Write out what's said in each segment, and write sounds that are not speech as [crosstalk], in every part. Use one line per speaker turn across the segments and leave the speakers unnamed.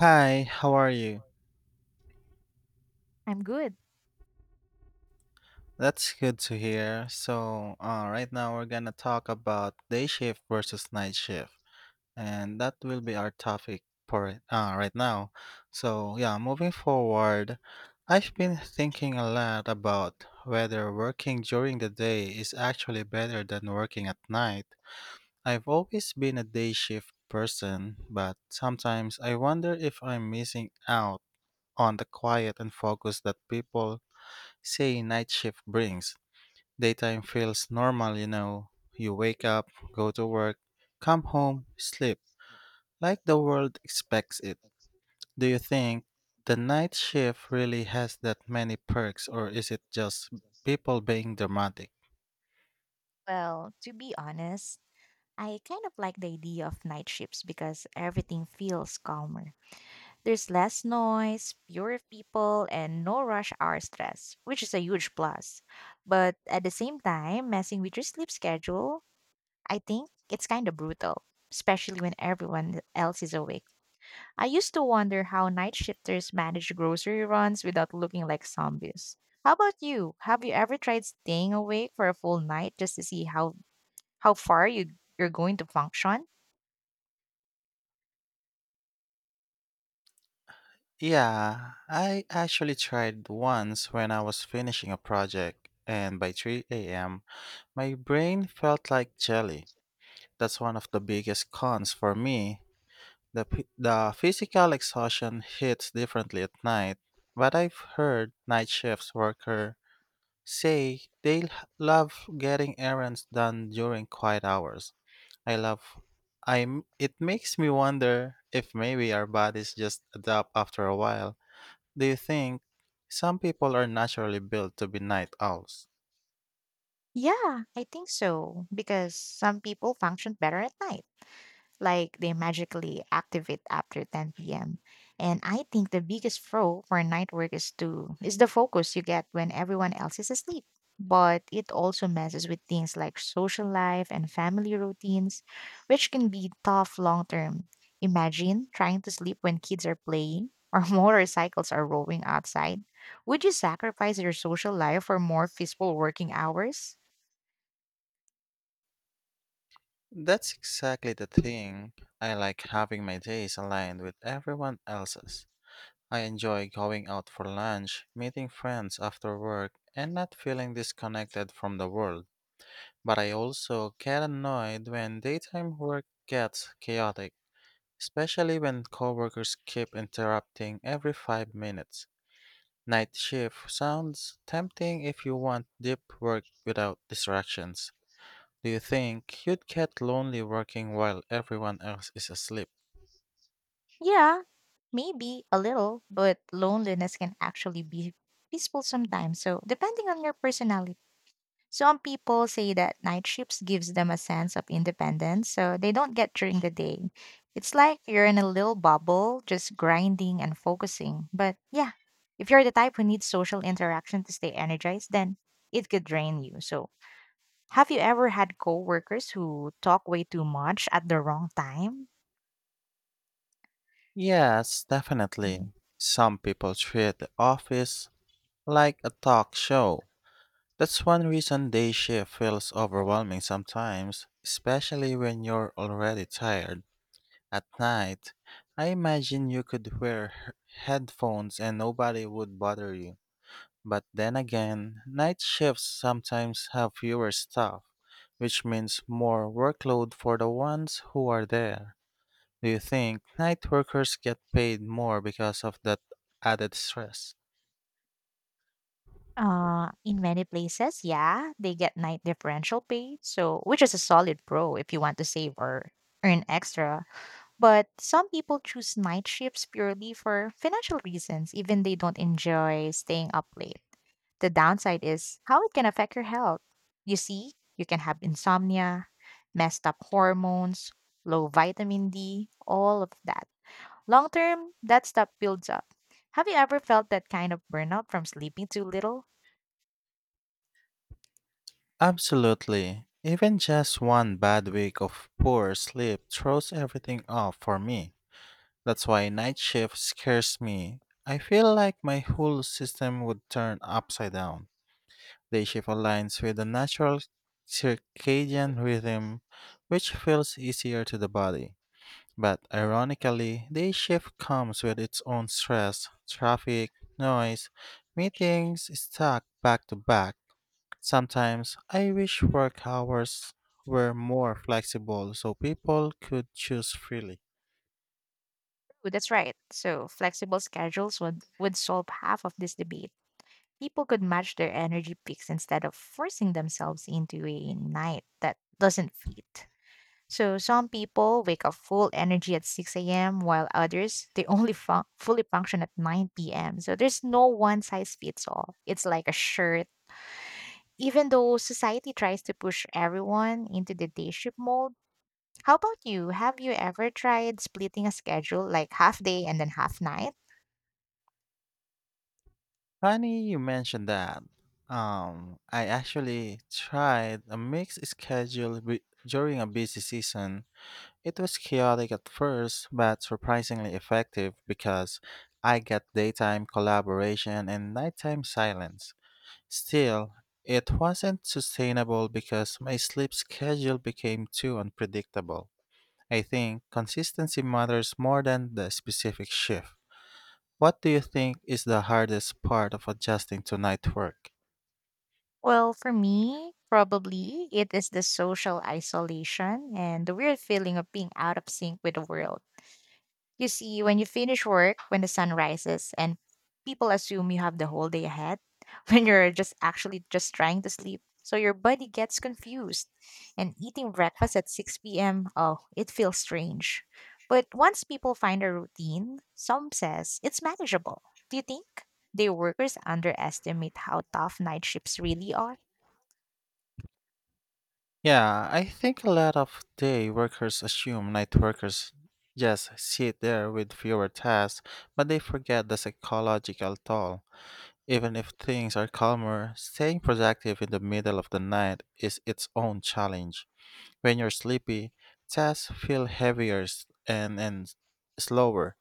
Hi, how are you?
I'm good.
That's good to hear. So, right now we're gonna talk about day shift versus night shift, and that will be our topic for it, right now. So, yeah, moving forward, I've been thinking a lot about whether working during the day is actually better than working at night. I've always been a day shift person, but sometimes I wonder if I'm missing out on the quiet and focus that people say night shift brings. Daytime feels normal, you know. You wake up, go to work, come home, sleep, like the world expects it. Do you think the night shift really has that many perks, or is it just people being dramatic?
Well, to be honest, I kind of like the idea of night shifts because everything feels calmer. There's less noise, fewer people, and no rush hour stress, which is a huge plus. But at the same time, messing with your sleep schedule, I think it's kind of brutal, especially when everyone else is awake. I used to wonder how night shifters manage grocery runs without looking like zombies. How about you? Have you ever tried staying awake for a full night just to see how far you're going to function?
Yeah, I actually tried once when I was finishing a project, and by 3 a.m., my brain felt like jelly. That's one of the biggest cons for me. The physical exhaustion hits differently at night, but I've heard night shifts worker say they love getting errands done during quiet hours. I love I'm It makes me wonder if maybe our bodies just adapt after a while. Do you think some people are naturally built to be night owls?
Yeah, I think so, because some people function better at night. Like they magically activate after 10 p.m. And I think the biggest pro for night work is the focus you get when everyone else is asleep. But it also messes with things like social life and family routines, which can be tough long term. Imagine trying to sleep when kids are playing or [laughs] motorcycles are roaring outside. Would you sacrifice your social life for more peaceful working hours?
That's exactly the thing. I like having my days aligned with everyone else's. I enjoy going out for lunch, meeting friends after work, and not feeling disconnected from the world. But I also get annoyed when daytime work gets chaotic, especially when coworkers keep interrupting every 5 minutes. Night shift sounds tempting if you want deep work without distractions. Do you think you'd get lonely working while everyone else is asleep?
Yeah, maybe a little, but loneliness can actually be peaceful sometimes, so depending on your personality. Some people say that night shifts gives them a sense of independence, so they don't get during the day. It's like you're in a little bubble, just grinding and focusing. But yeah, if you're the type who needs social interaction to stay energized, then it could drain you. So, have you ever had coworkers who talk way too much at the wrong time?
Yes, definitely. Some people treat the office like a talk show. That's one reason day shift feels overwhelming sometimes, especially when you're already tired. At night, I imagine you could wear headphones and nobody would bother you. But then again, night shifts sometimes have fewer staff, which means more workload for the ones who are there. Do you think night workers get paid more because of that added stress?
In many places, yeah, they get night differential pay, so which is a solid pro if you want to save or earn extra. But some people choose night shifts purely for financial reasons, even they don't enjoy staying up late. The downside is how it can affect your health. You see, you can have insomnia, messed up hormones, low vitamin D, all of that. Long term, that stuff builds up. Have you ever felt that kind of burnout from sleeping too little?
Absolutely. Even just one bad week of poor sleep throws everything off for me. That's why night shift scares me. I feel like my whole system would turn upside down. Day shift aligns with the natural circadian rhythm, which feels easier to the body. But ironically, day shift comes with its own stress: traffic, noise, meetings stacked back to back. Sometimes I wish work hours were more flexible so people could choose freely.
Oh, that's right. So, flexible schedules would solve half of this debate. People could match their energy peaks instead of forcing themselves into a night that doesn't fit. So, some people wake up full energy at 6 a.m., while others, they only fully function at 9 p.m. So, there's no one size fits all. It's like a shirt. Even though society tries to push everyone into the day shift mold, how about you? Have you ever tried splitting a schedule like half day and then half night?
Funny you mentioned that. I actually tried a mixed schedule during a busy season. It was chaotic at first, but surprisingly effective because I got daytime collaboration and nighttime silence. Still, it wasn't sustainable because my sleep schedule became too unpredictable. I think consistency matters more than the specific shift. What do you think is the hardest part of adjusting to night work?
Well, for me, probably it is the social isolation and the weird feeling of being out of sync with the world. You see, when you finish work, when the sun rises, and people assume you have the whole day ahead, [laughs] when you're just actually just trying to sleep. So your body gets confused. And eating breakfast at 6 p.m., oh, it feels strange. But once people find a routine, some says it's manageable. Do you think day workers underestimate how tough night shifts really are?
Yeah, I think a lot of day workers assume night workers just sit there with fewer tasks, but they forget the psychological toll. Even if things are calmer, staying productive in the middle of the night is its own challenge. When you're sleepy, tasks feel heavier and slower.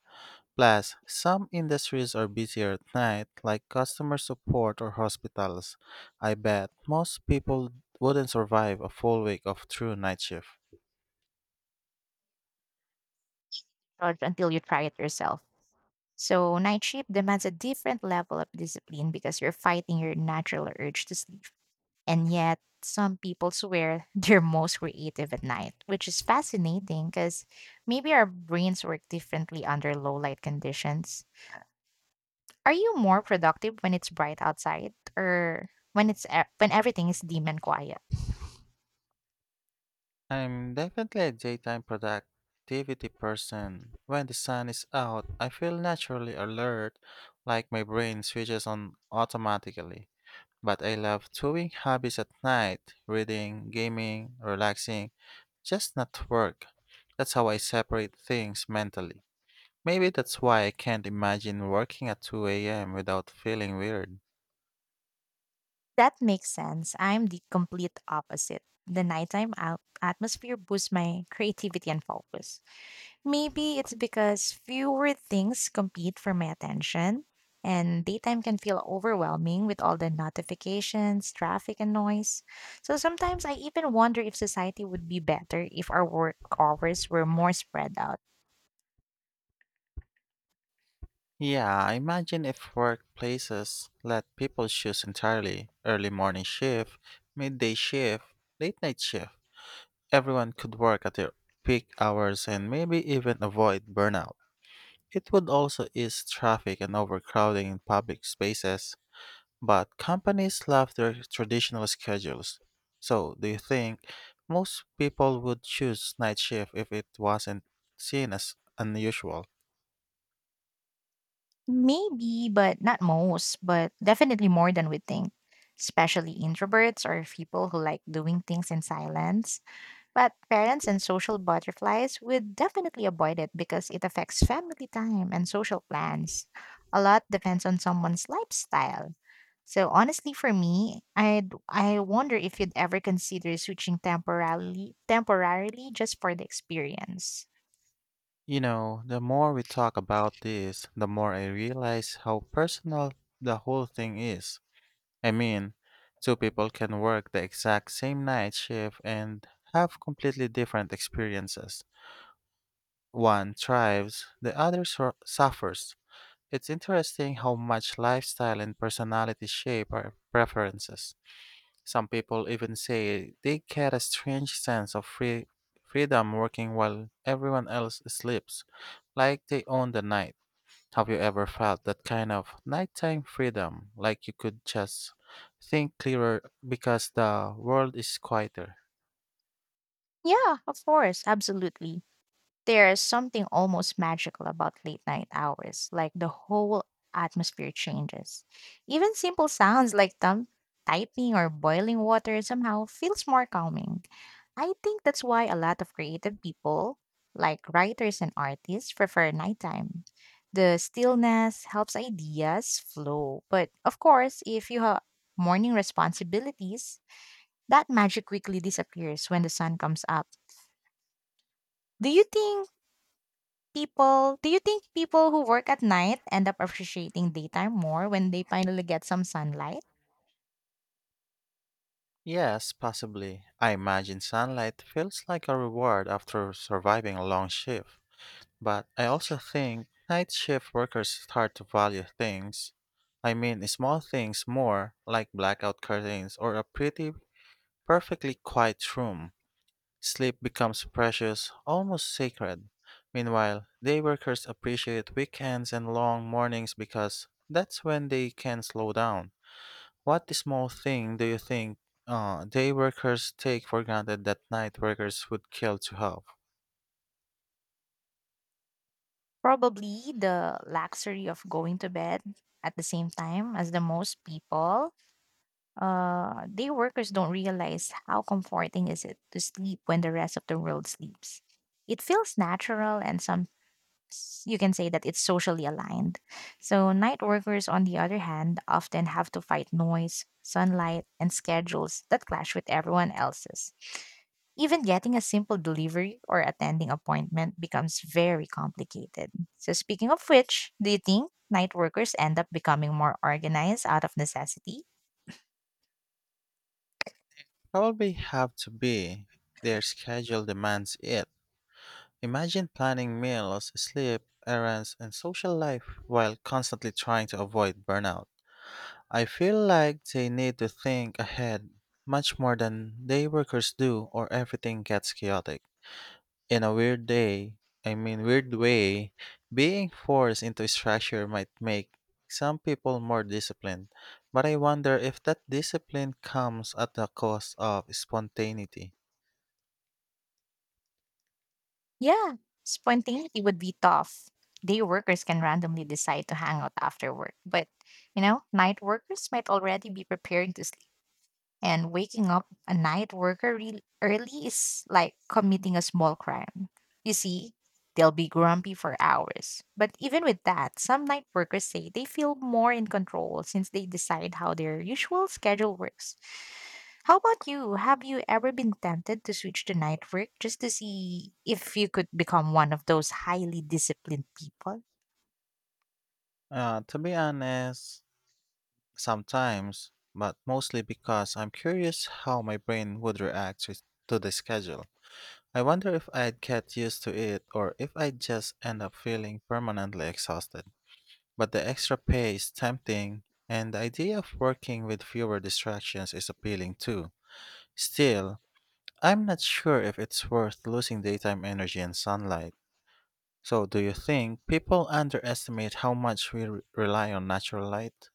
Plus, some industries are busier at night, like customer support or hospitals. I bet most people wouldn't survive a full week of true night shift.
Approach until you try it yourself. So, night shift demands a different level of discipline because you're fighting your natural urge to sleep. And yet, some people swear [laughs] they're most creative at night, which is fascinating because maybe our brains work differently under low light conditions. Are you more productive when it's bright outside or when when everything is dim and quiet?
I'm definitely a daytime productivity person. When the sun is out, I feel naturally alert, like my brain switches on automatically. But I love doing hobbies at night: reading, gaming, relaxing, just not work. That's how I separate things mentally. Maybe that's why I can't imagine working at 2 a.m. without feeling weird.
That makes sense. I'm the complete opposite. The nighttime out atmosphere boosts my creativity and focus. Maybe it's because fewer things compete for my attention, and daytime can feel overwhelming with all the notifications, traffic, and noise. So sometimes I even wonder if society would be better if our work hours were more spread out.
Yeah, I imagine if workplaces let people choose entirely: early morning shift, midday shift, late night shift, everyone could work at their peak hours and maybe even avoid burnout. It would also ease traffic and overcrowding in public spaces. But companies love their traditional schedules. So, do you think most people would choose night shift if it wasn't seen as unusual?
Maybe, but not most, but definitely more than we think, especially introverts or people who like doing things in silence. But parents and social butterflies would definitely avoid it because it affects family time and social plans. A lot depends on someone's lifestyle. So honestly for me, I wonder if you'd ever consider switching temporarily just for the experience.
You know, the more we talk about this, the more I realize how personal the whole thing is. I mean, two people can work the exact same night shift and have completely different experiences. One thrives, the other suffers. It's interesting how much lifestyle and personality shape our preferences. Some people even say they get a strange sense of freedom working while everyone else sleeps, like they own the night. Have you ever felt that kind of nighttime freedom, like you could just think clearer because the world is quieter?
Yeah, of course, absolutely. There's something almost magical about late night hours, like the whole atmosphere changes. Even simple sounds like thumb typing or boiling water somehow feels more calming. I think that's why a lot of creative people, like writers and artists, prefer nighttime. The stillness helps ideas flow, but of course, if you have morning responsibilities, that magic quickly disappears when the sun comes up. Do you think do you think people who work at night end up appreciating daytime more when they finally get some sunlight?
Yes, possibly. I imagine sunlight feels like a reward after surviving a long shift. But I also think night shift workers start to value things. I mean, small things more, like blackout curtains or a pretty, perfectly quiet room. Sleep becomes precious, almost sacred. Meanwhile, day workers appreciate weekends and long mornings because that's when they can slow down. What small thing do you think day workers take for granted that night workers would kill to have?
Probably the luxury of going to bed at the same time as the most people. Day workers don't realize how comforting is it to sleep when the rest of the world sleeps. It feels natural and sometimes you can say that it's socially aligned. So, night workers, on the other hand, often have to fight noise, sunlight, and schedules that clash with everyone else's. Even getting a simple delivery or attending appointment becomes very complicated. So, speaking of which, do you think night workers end up becoming more organized out of necessity?
Probably have to be. Their schedule demands it. Imagine planning meals, sleep, errands, and social life while constantly trying to avoid burnout. I feel like they need to think ahead much more than day workers do, or everything gets chaotic. In a weird day, I mean, weird way, being forced into a structure might make some people more disciplined, but I wonder if that discipline comes at the cost of spontaneity.
Yeah, spontaneity would be tough. Day workers can randomly decide to hang out after work, but you know, night workers might already be preparing to sleep. And waking up a night worker really early is like committing a small crime. You see, they'll be grumpy for hours. But even with that, some night workers say they feel more in control since they decide how their usual schedule works. How about you? Have you ever been tempted to switch to night work just to see if you could become one of those highly disciplined people?
To be honest, sometimes, but mostly because I'm curious how my brain would react to the schedule. I wonder if I'd get used to it or if I'd just end up feeling permanently exhausted. But the extra pay is tempting, and the idea of working with fewer distractions is appealing too. Still, I'm not sure if it's worth losing daytime energy and sunlight. So, do you think people underestimate how much we rely on natural light?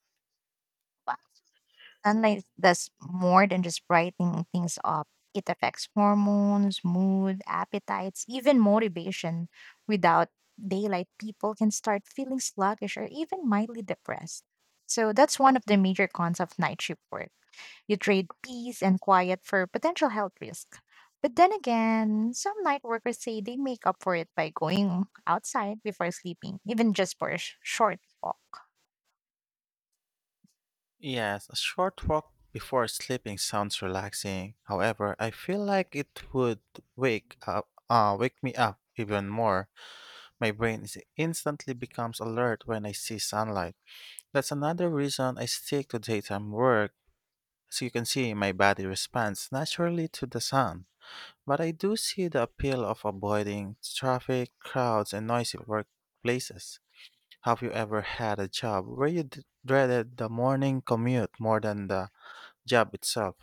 Sunlight does more than just brightening things up. It affects hormones, mood, appetites, even motivation. Without daylight, people can start feeling sluggish or even mildly depressed. So that's one of the major cons of night shift work. You trade peace and quiet for potential health risk. But then again, some night workers say they make up for it by going outside before sleeping, even just for a short walk.
Yes, a short walk before sleeping sounds relaxing. However, I feel like it would wake me up even more. My brain is instantly becomes alert when I see sunlight. That's another reason I stick to daytime work. As you can see, my body responds naturally to the sun. But I do see the appeal of avoiding traffic, crowds, and noisy workplaces. Have you ever had a job where you dreaded the morning commute more than the job itself?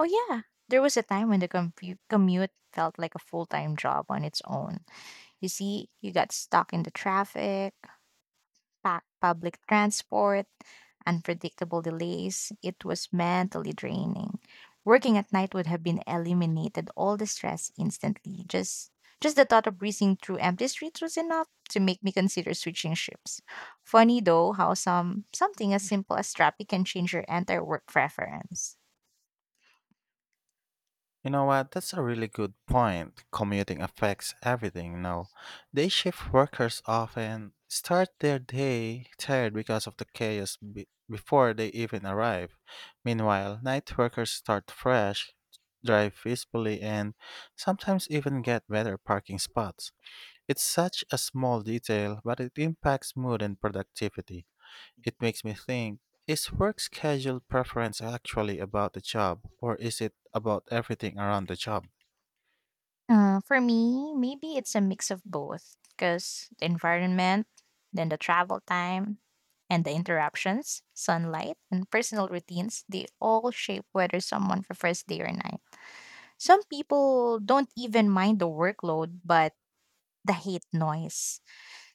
Oh, yeah. There was a time when the commute felt like a full time job on its own. You see, you got stuck in the traffic, packed public transport, unpredictable delays. It was mentally draining. Working at night would have been eliminated all the stress instantly. Just the thought of breezing through empty streets was enough to make me consider switching shifts. Funny though how something as simple as traffic can change your entire work preference.
You know what? That's a really good point. Commuting affects everything now. Day shift workers often start their day tired because of the chaos before they even arrive. Meanwhile, night workers start fresh, drive peacefully, and sometimes even get better parking spots. It's such a small detail, but it impacts mood and productivity. It makes me think, is work schedule preference actually about the job, or is it about everything around the job?
For me, maybe it's a mix of both because the environment, then the travel time, and the interruptions, sunlight, and personal routines, they all shape whether someone prefers day or night. Some people don't even mind the workload, but the hate noise.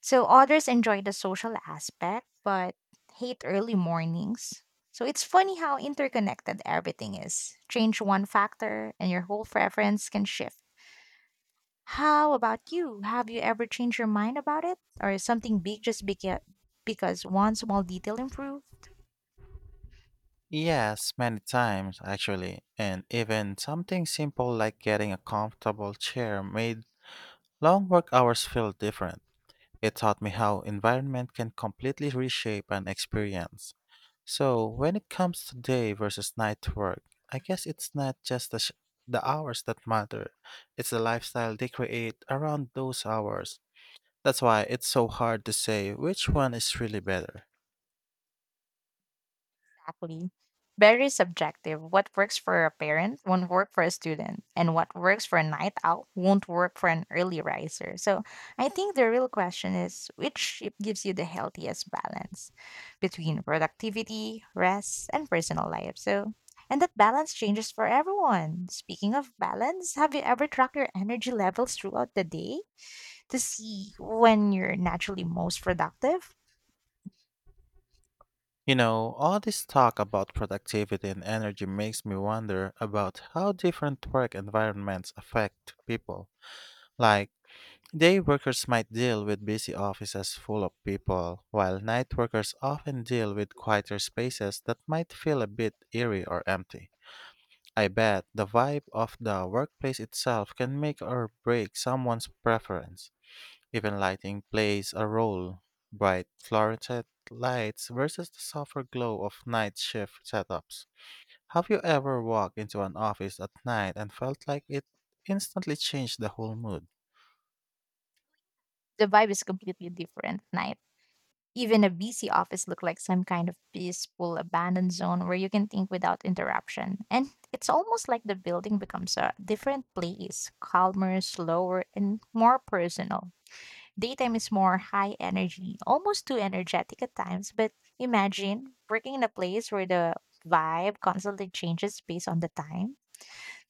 So others enjoy the social aspect, but hate early mornings. So it's funny how interconnected everything is. Change one factor, and your whole preference can shift. How about you? Have you ever changed your mind about it or something big just because one small detail improved?
Yes, many times actually, and even something simple like getting a comfortable chair made long work hours feel different. It taught me how environment can completely reshape an experience. So, when it comes to day versus night work, I guess it's not just the hours that matter, it's the lifestyle they create around those hours. That's why it's so hard to say which one is really better.
Exactly. Very subjective. What works for a parent won't work for a student, and what works for a night owl won't work for an early riser. So I think the real question is which shape gives you the healthiest balance between productivity, rest, and personal life. So and that balance changes for everyone. Speaking of balance, have you ever tracked your energy levels throughout the day to see when you're naturally most productive?
You know, all this talk about productivity and energy makes me wonder about how different work environments affect people. Like, day workers might deal with busy offices full of people, while night workers often deal with quieter spaces that might feel a bit eerie or empty. I bet the vibe of the workplace itself can make or break someone's preference. Even lighting plays a role. Bright fluorescent lights versus the softer glow of night shift setups. Have you ever walked into an office at night and felt like it instantly changed the whole mood?
The vibe is completely different at night. Even a busy office looks like some kind of peaceful abandoned zone where you can think without interruption. And it's almost like the building becomes a different place, calmer, slower, and more personal. Daytime is more high energy, almost too energetic at times, but imagine working in a place where the vibe constantly changes based on the time.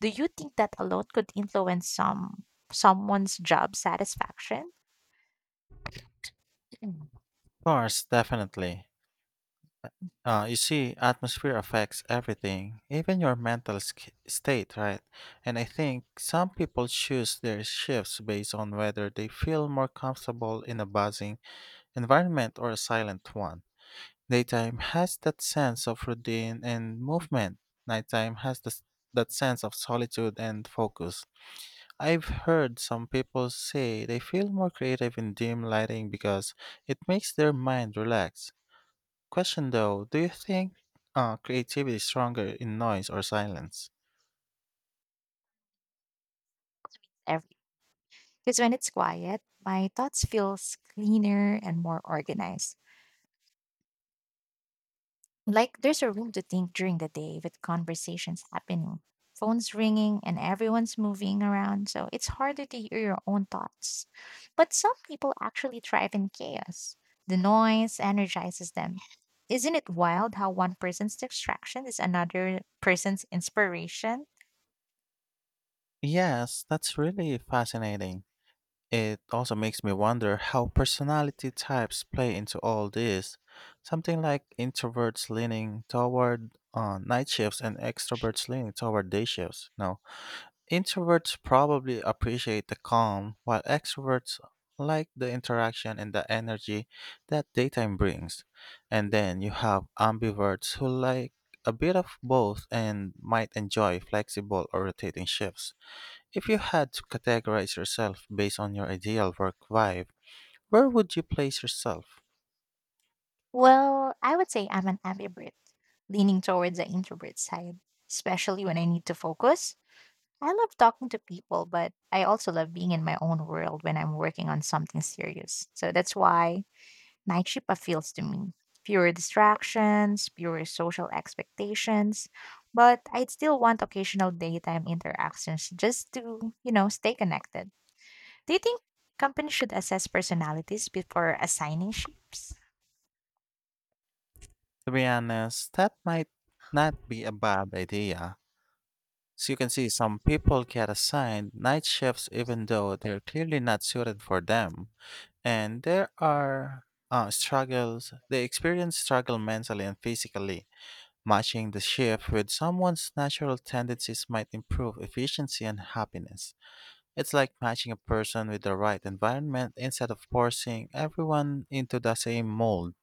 Do you think that alone could influence someone's job satisfaction?
Of course, definitely. You see, atmosphere affects everything, even your mental state, right? And I think some people choose their shifts based on whether they feel more comfortable in a buzzing environment or a silent one. Daytime has that sense of routine and movement. Nighttime has that sense of solitude and focus. I've heard some people say they feel more creative in dim lighting because it makes their mind relax. Question though, do you think creativity is stronger in noise or silence?
Because when it's quiet, my thoughts feels cleaner and more organized. Like there's a room to think during the day with conversations happening, phones ringing, and everyone's moving around. So it's harder to hear your own thoughts. But some people actually thrive in chaos. The noise energizes them. Isn't it wild how one person's distraction is another person's inspiration?
Yes, that's really fascinating. It also makes me wonder how personality types play into all this. Something like introverts leaning toward night shifts and extroverts leaning toward day shifts. Now, introverts probably appreciate the calm, while extroverts like the interaction and the energy that daytime brings. And then you have ambiverts who like a bit of both and might enjoy flexible or rotating shifts. If you had to categorize yourself based on your ideal work vibe, where would you place yourself?
Well, I would say I'm an ambivert, leaning towards the introvert side, especially when I need to focus. I love talking to people, but I also love being in my own world when I'm working on something serious. So that's why night shift appeals to me. Fewer distractions, fewer social expectations, but I'd still want occasional daytime interactions just to, you know, stay connected. Do you think companies should assess personalities before assigning shifts?
To be honest, that might not be a bad idea. As you can see, some people get assigned night shifts even though they're clearly not suited for them. And there are struggles, they experience struggle mentally and physically. Matching the shift with someone's natural tendencies might improve efficiency and happiness. It's like matching a person with the right environment instead of forcing everyone into the same mold.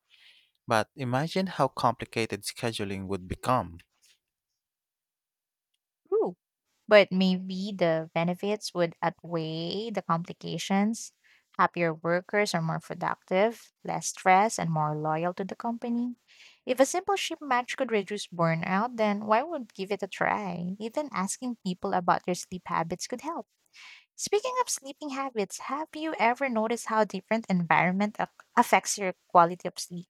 But imagine how complicated scheduling would become.
Ooh. But maybe the benefits would outweigh the complications. Happier workers are more productive, less stressed, and more loyal to the company. If a simple ship match could reduce burnout, then why would give it a try? Even asking people about their sleep habits could help. Speaking of sleeping habits, have you ever noticed how different affects your quality of sleep?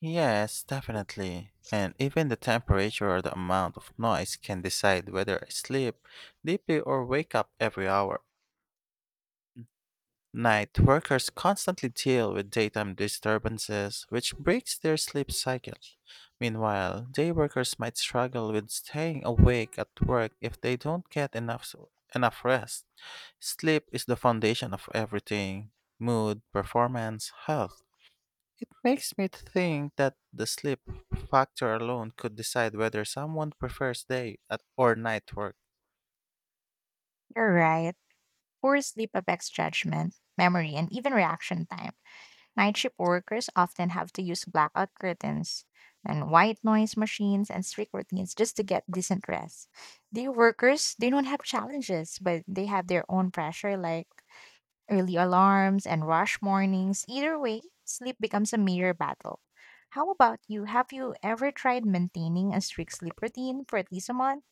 Yes, definitely. And even the temperature or the amount of noise can decide whether I sleep deeply or wake up every hour. Night workers constantly deal with daytime disturbances, which breaks their sleep cycle. Meanwhile, day workers might struggle with staying awake at work if they don't get enough rest. Sleep is the foundation of everything: mood, performance, health. It makes me think that the sleep factor alone could decide whether someone prefers day at or night work.
You're right. Poor sleep affects judgment, memory, and even reaction time. Night shift workers often have to use blackout curtains and white noise machines and strict routines just to get decent rest. Day workers, they don't have challenges, but they have their own pressure like early alarms and rush mornings. Either way, sleep becomes a major battle. How about you? Have you ever tried maintaining a strict sleep routine for at least a month?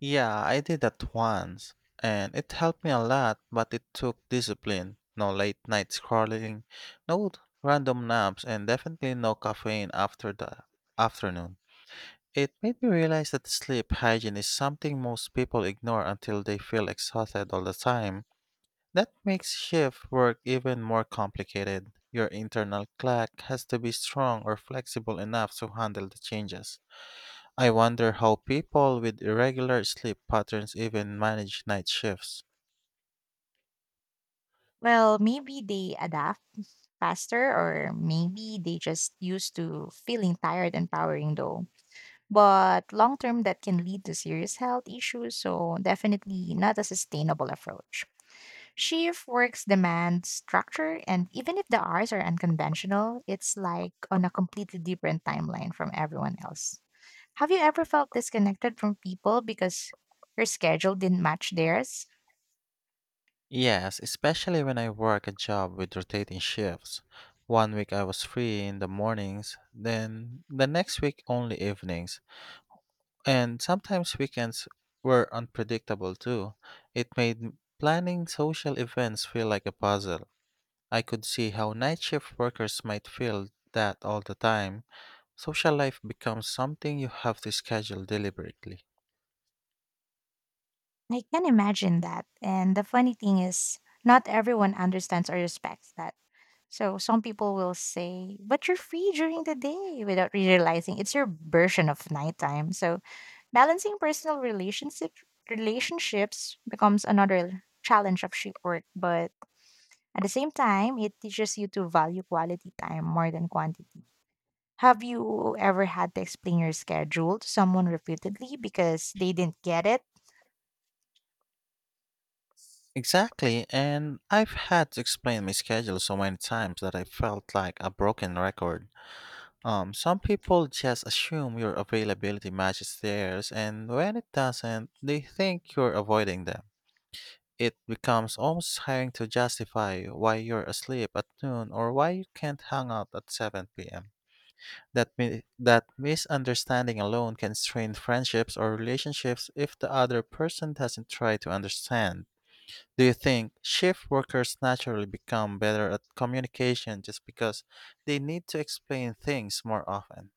Yeah, I did that once, and it helped me a lot, but it took discipline. No late night scrolling, no random naps, and definitely no caffeine after the afternoon. It made me realize that sleep hygiene is something most people ignore until they feel exhausted all the time. That makes shift work even more complicated. Your internal clock has to be strong or flexible enough to handle the changes. I wonder how people with irregular sleep patterns even manage night shifts.
Well, maybe they adapt faster or maybe they just used to feeling tired and powering though. But long term, that can lead to serious health issues, so definitely not a sustainable approach. Shift works demand structure, and even if the hours are unconventional, it's like on a completely different timeline from everyone else. Have you ever felt disconnected from people because your schedule didn't match theirs?
Yes, especially when I work a job with rotating shifts. One week I was free in the mornings, then the next week only evenings, and sometimes weekends were unpredictable too. Planning social events feel like a puzzle. I could see how night shift workers might feel that all the time. Social life becomes something you have to schedule deliberately.
I can imagine that. And the funny thing is, not everyone understands or respects that. So some people will say, but you're free during the day without realizing it's your version of nighttime. So balancing personal relationship relationships becomes another challenge of shift work, but at the same time it teaches you to value quality time more than quantity. Have you ever had to explain your schedule to someone repeatedly because they didn't get it?
Exactly, and I've had to explain my schedule so many times that I felt like a broken record. Some people just assume your availability matches theirs, and when it doesn't, they think you're avoiding them. It becomes almost tiring to justify why you're asleep at noon or why you can't hang out at 7 p.m. That misunderstanding alone can strain friendships or relationships if the other person doesn't try to understand. Do you think shift workers naturally become better at communication just because they need to explain things more often?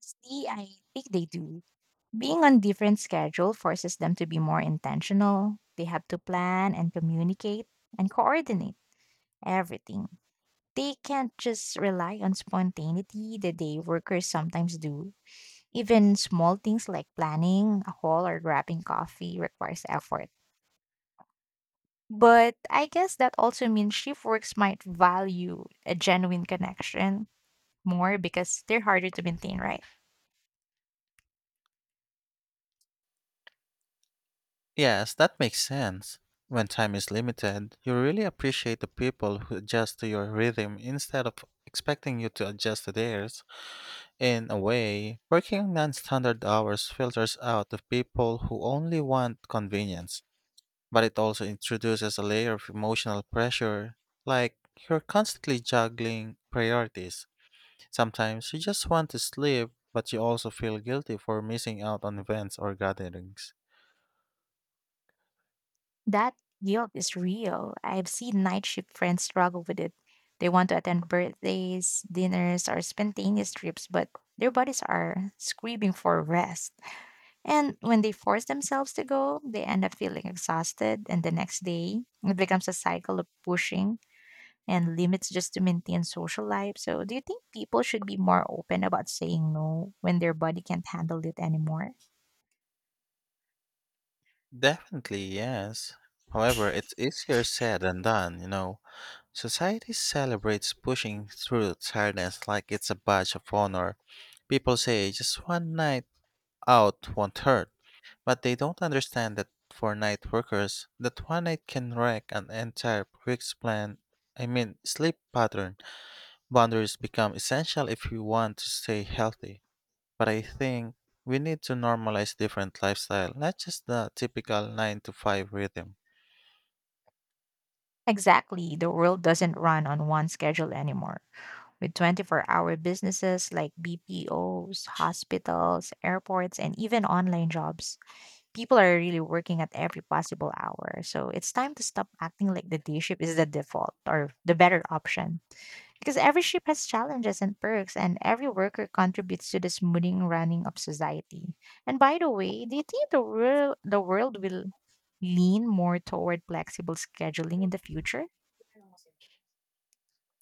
See, I think they do. Being on different schedule forces them to be more intentional. They have to plan and communicate and coordinate everything. They can't just rely on spontaneity the day workers sometimes do. Even small things like planning a haul or grabbing coffee requires effort. But I guess that also means shift works might value a genuine connection more because they're harder to maintain, right?
Yes, that makes sense. When time is limited, you really appreciate the people who adjust to your rhythm instead of expecting you to adjust to theirs. In a way, working non standard hours filters out the people who only want convenience, but it also introduces a layer of emotional pressure, like you're constantly juggling priorities. Sometimes you just want to sleep, but you also feel guilty for missing out on events or gatherings.
That guilt is real. I've seen night shift friends struggle with it. They want to attend birthdays, dinners, or spontaneous trips, but their bodies are screaming for rest. And when they force themselves to go, they end up feeling exhausted. And the next day, it becomes a cycle of pushing and limits just to maintain social life. So, do you think people should be more open about saying no when their body can't handle it anymore?
Definitely, yes. However, it's easier said than done, you know. Society celebrates pushing through tiredness like it's a badge of honor. People say just one night out won't hurt, but they don't understand that for night workers, that one night can wreck an entire week's plan. I mean, sleep pattern. Boundaries become essential if you want to stay healthy. But I think we need to normalize different lifestyle, not just the typical 9 to 5 rhythm.
Exactly. The world doesn't run on one schedule anymore, with 24-hour businesses like BPOs, hospitals, airports, and even online jobs. People are really working at every possible hour. So it's time to stop acting like the day shift is the default or the better option. Because every shift has challenges and perks, and every worker contributes to the smoothing running of society. And by the way, do you think the world will lean more toward flexible scheduling in the future?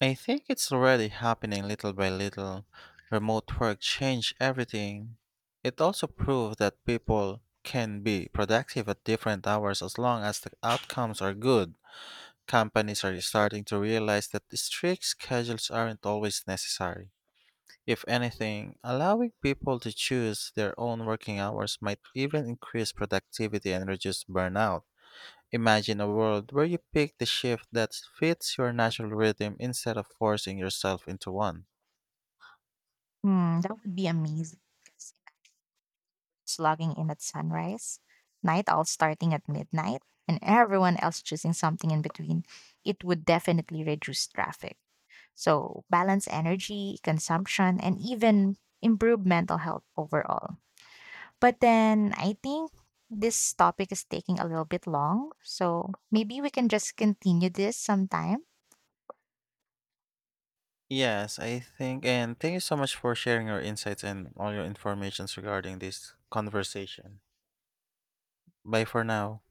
I think it's already happening little by little. Remote work changed everything. It also proved that people can be productive at different hours as long as the outcomes are good. Companies are starting to realize that strict schedules aren't always necessary. If anything, allowing people to choose their own working hours might even increase productivity and reduce burnout. Imagine a world where you pick the shift that fits your natural rhythm instead of forcing yourself into one.
Hmm, that would be amazing. Slogging in at sunrise, night owls starting at midnight, and everyone else choosing something in between, it would definitely reduce traffic. So, balance energy, consumption, and even improve mental health overall. But then I think this topic is taking a little bit long. So, maybe we can just continue this sometime.
Yes, I think, and thank you so much for sharing your insights and all your informations regarding this conversation. Bye for now.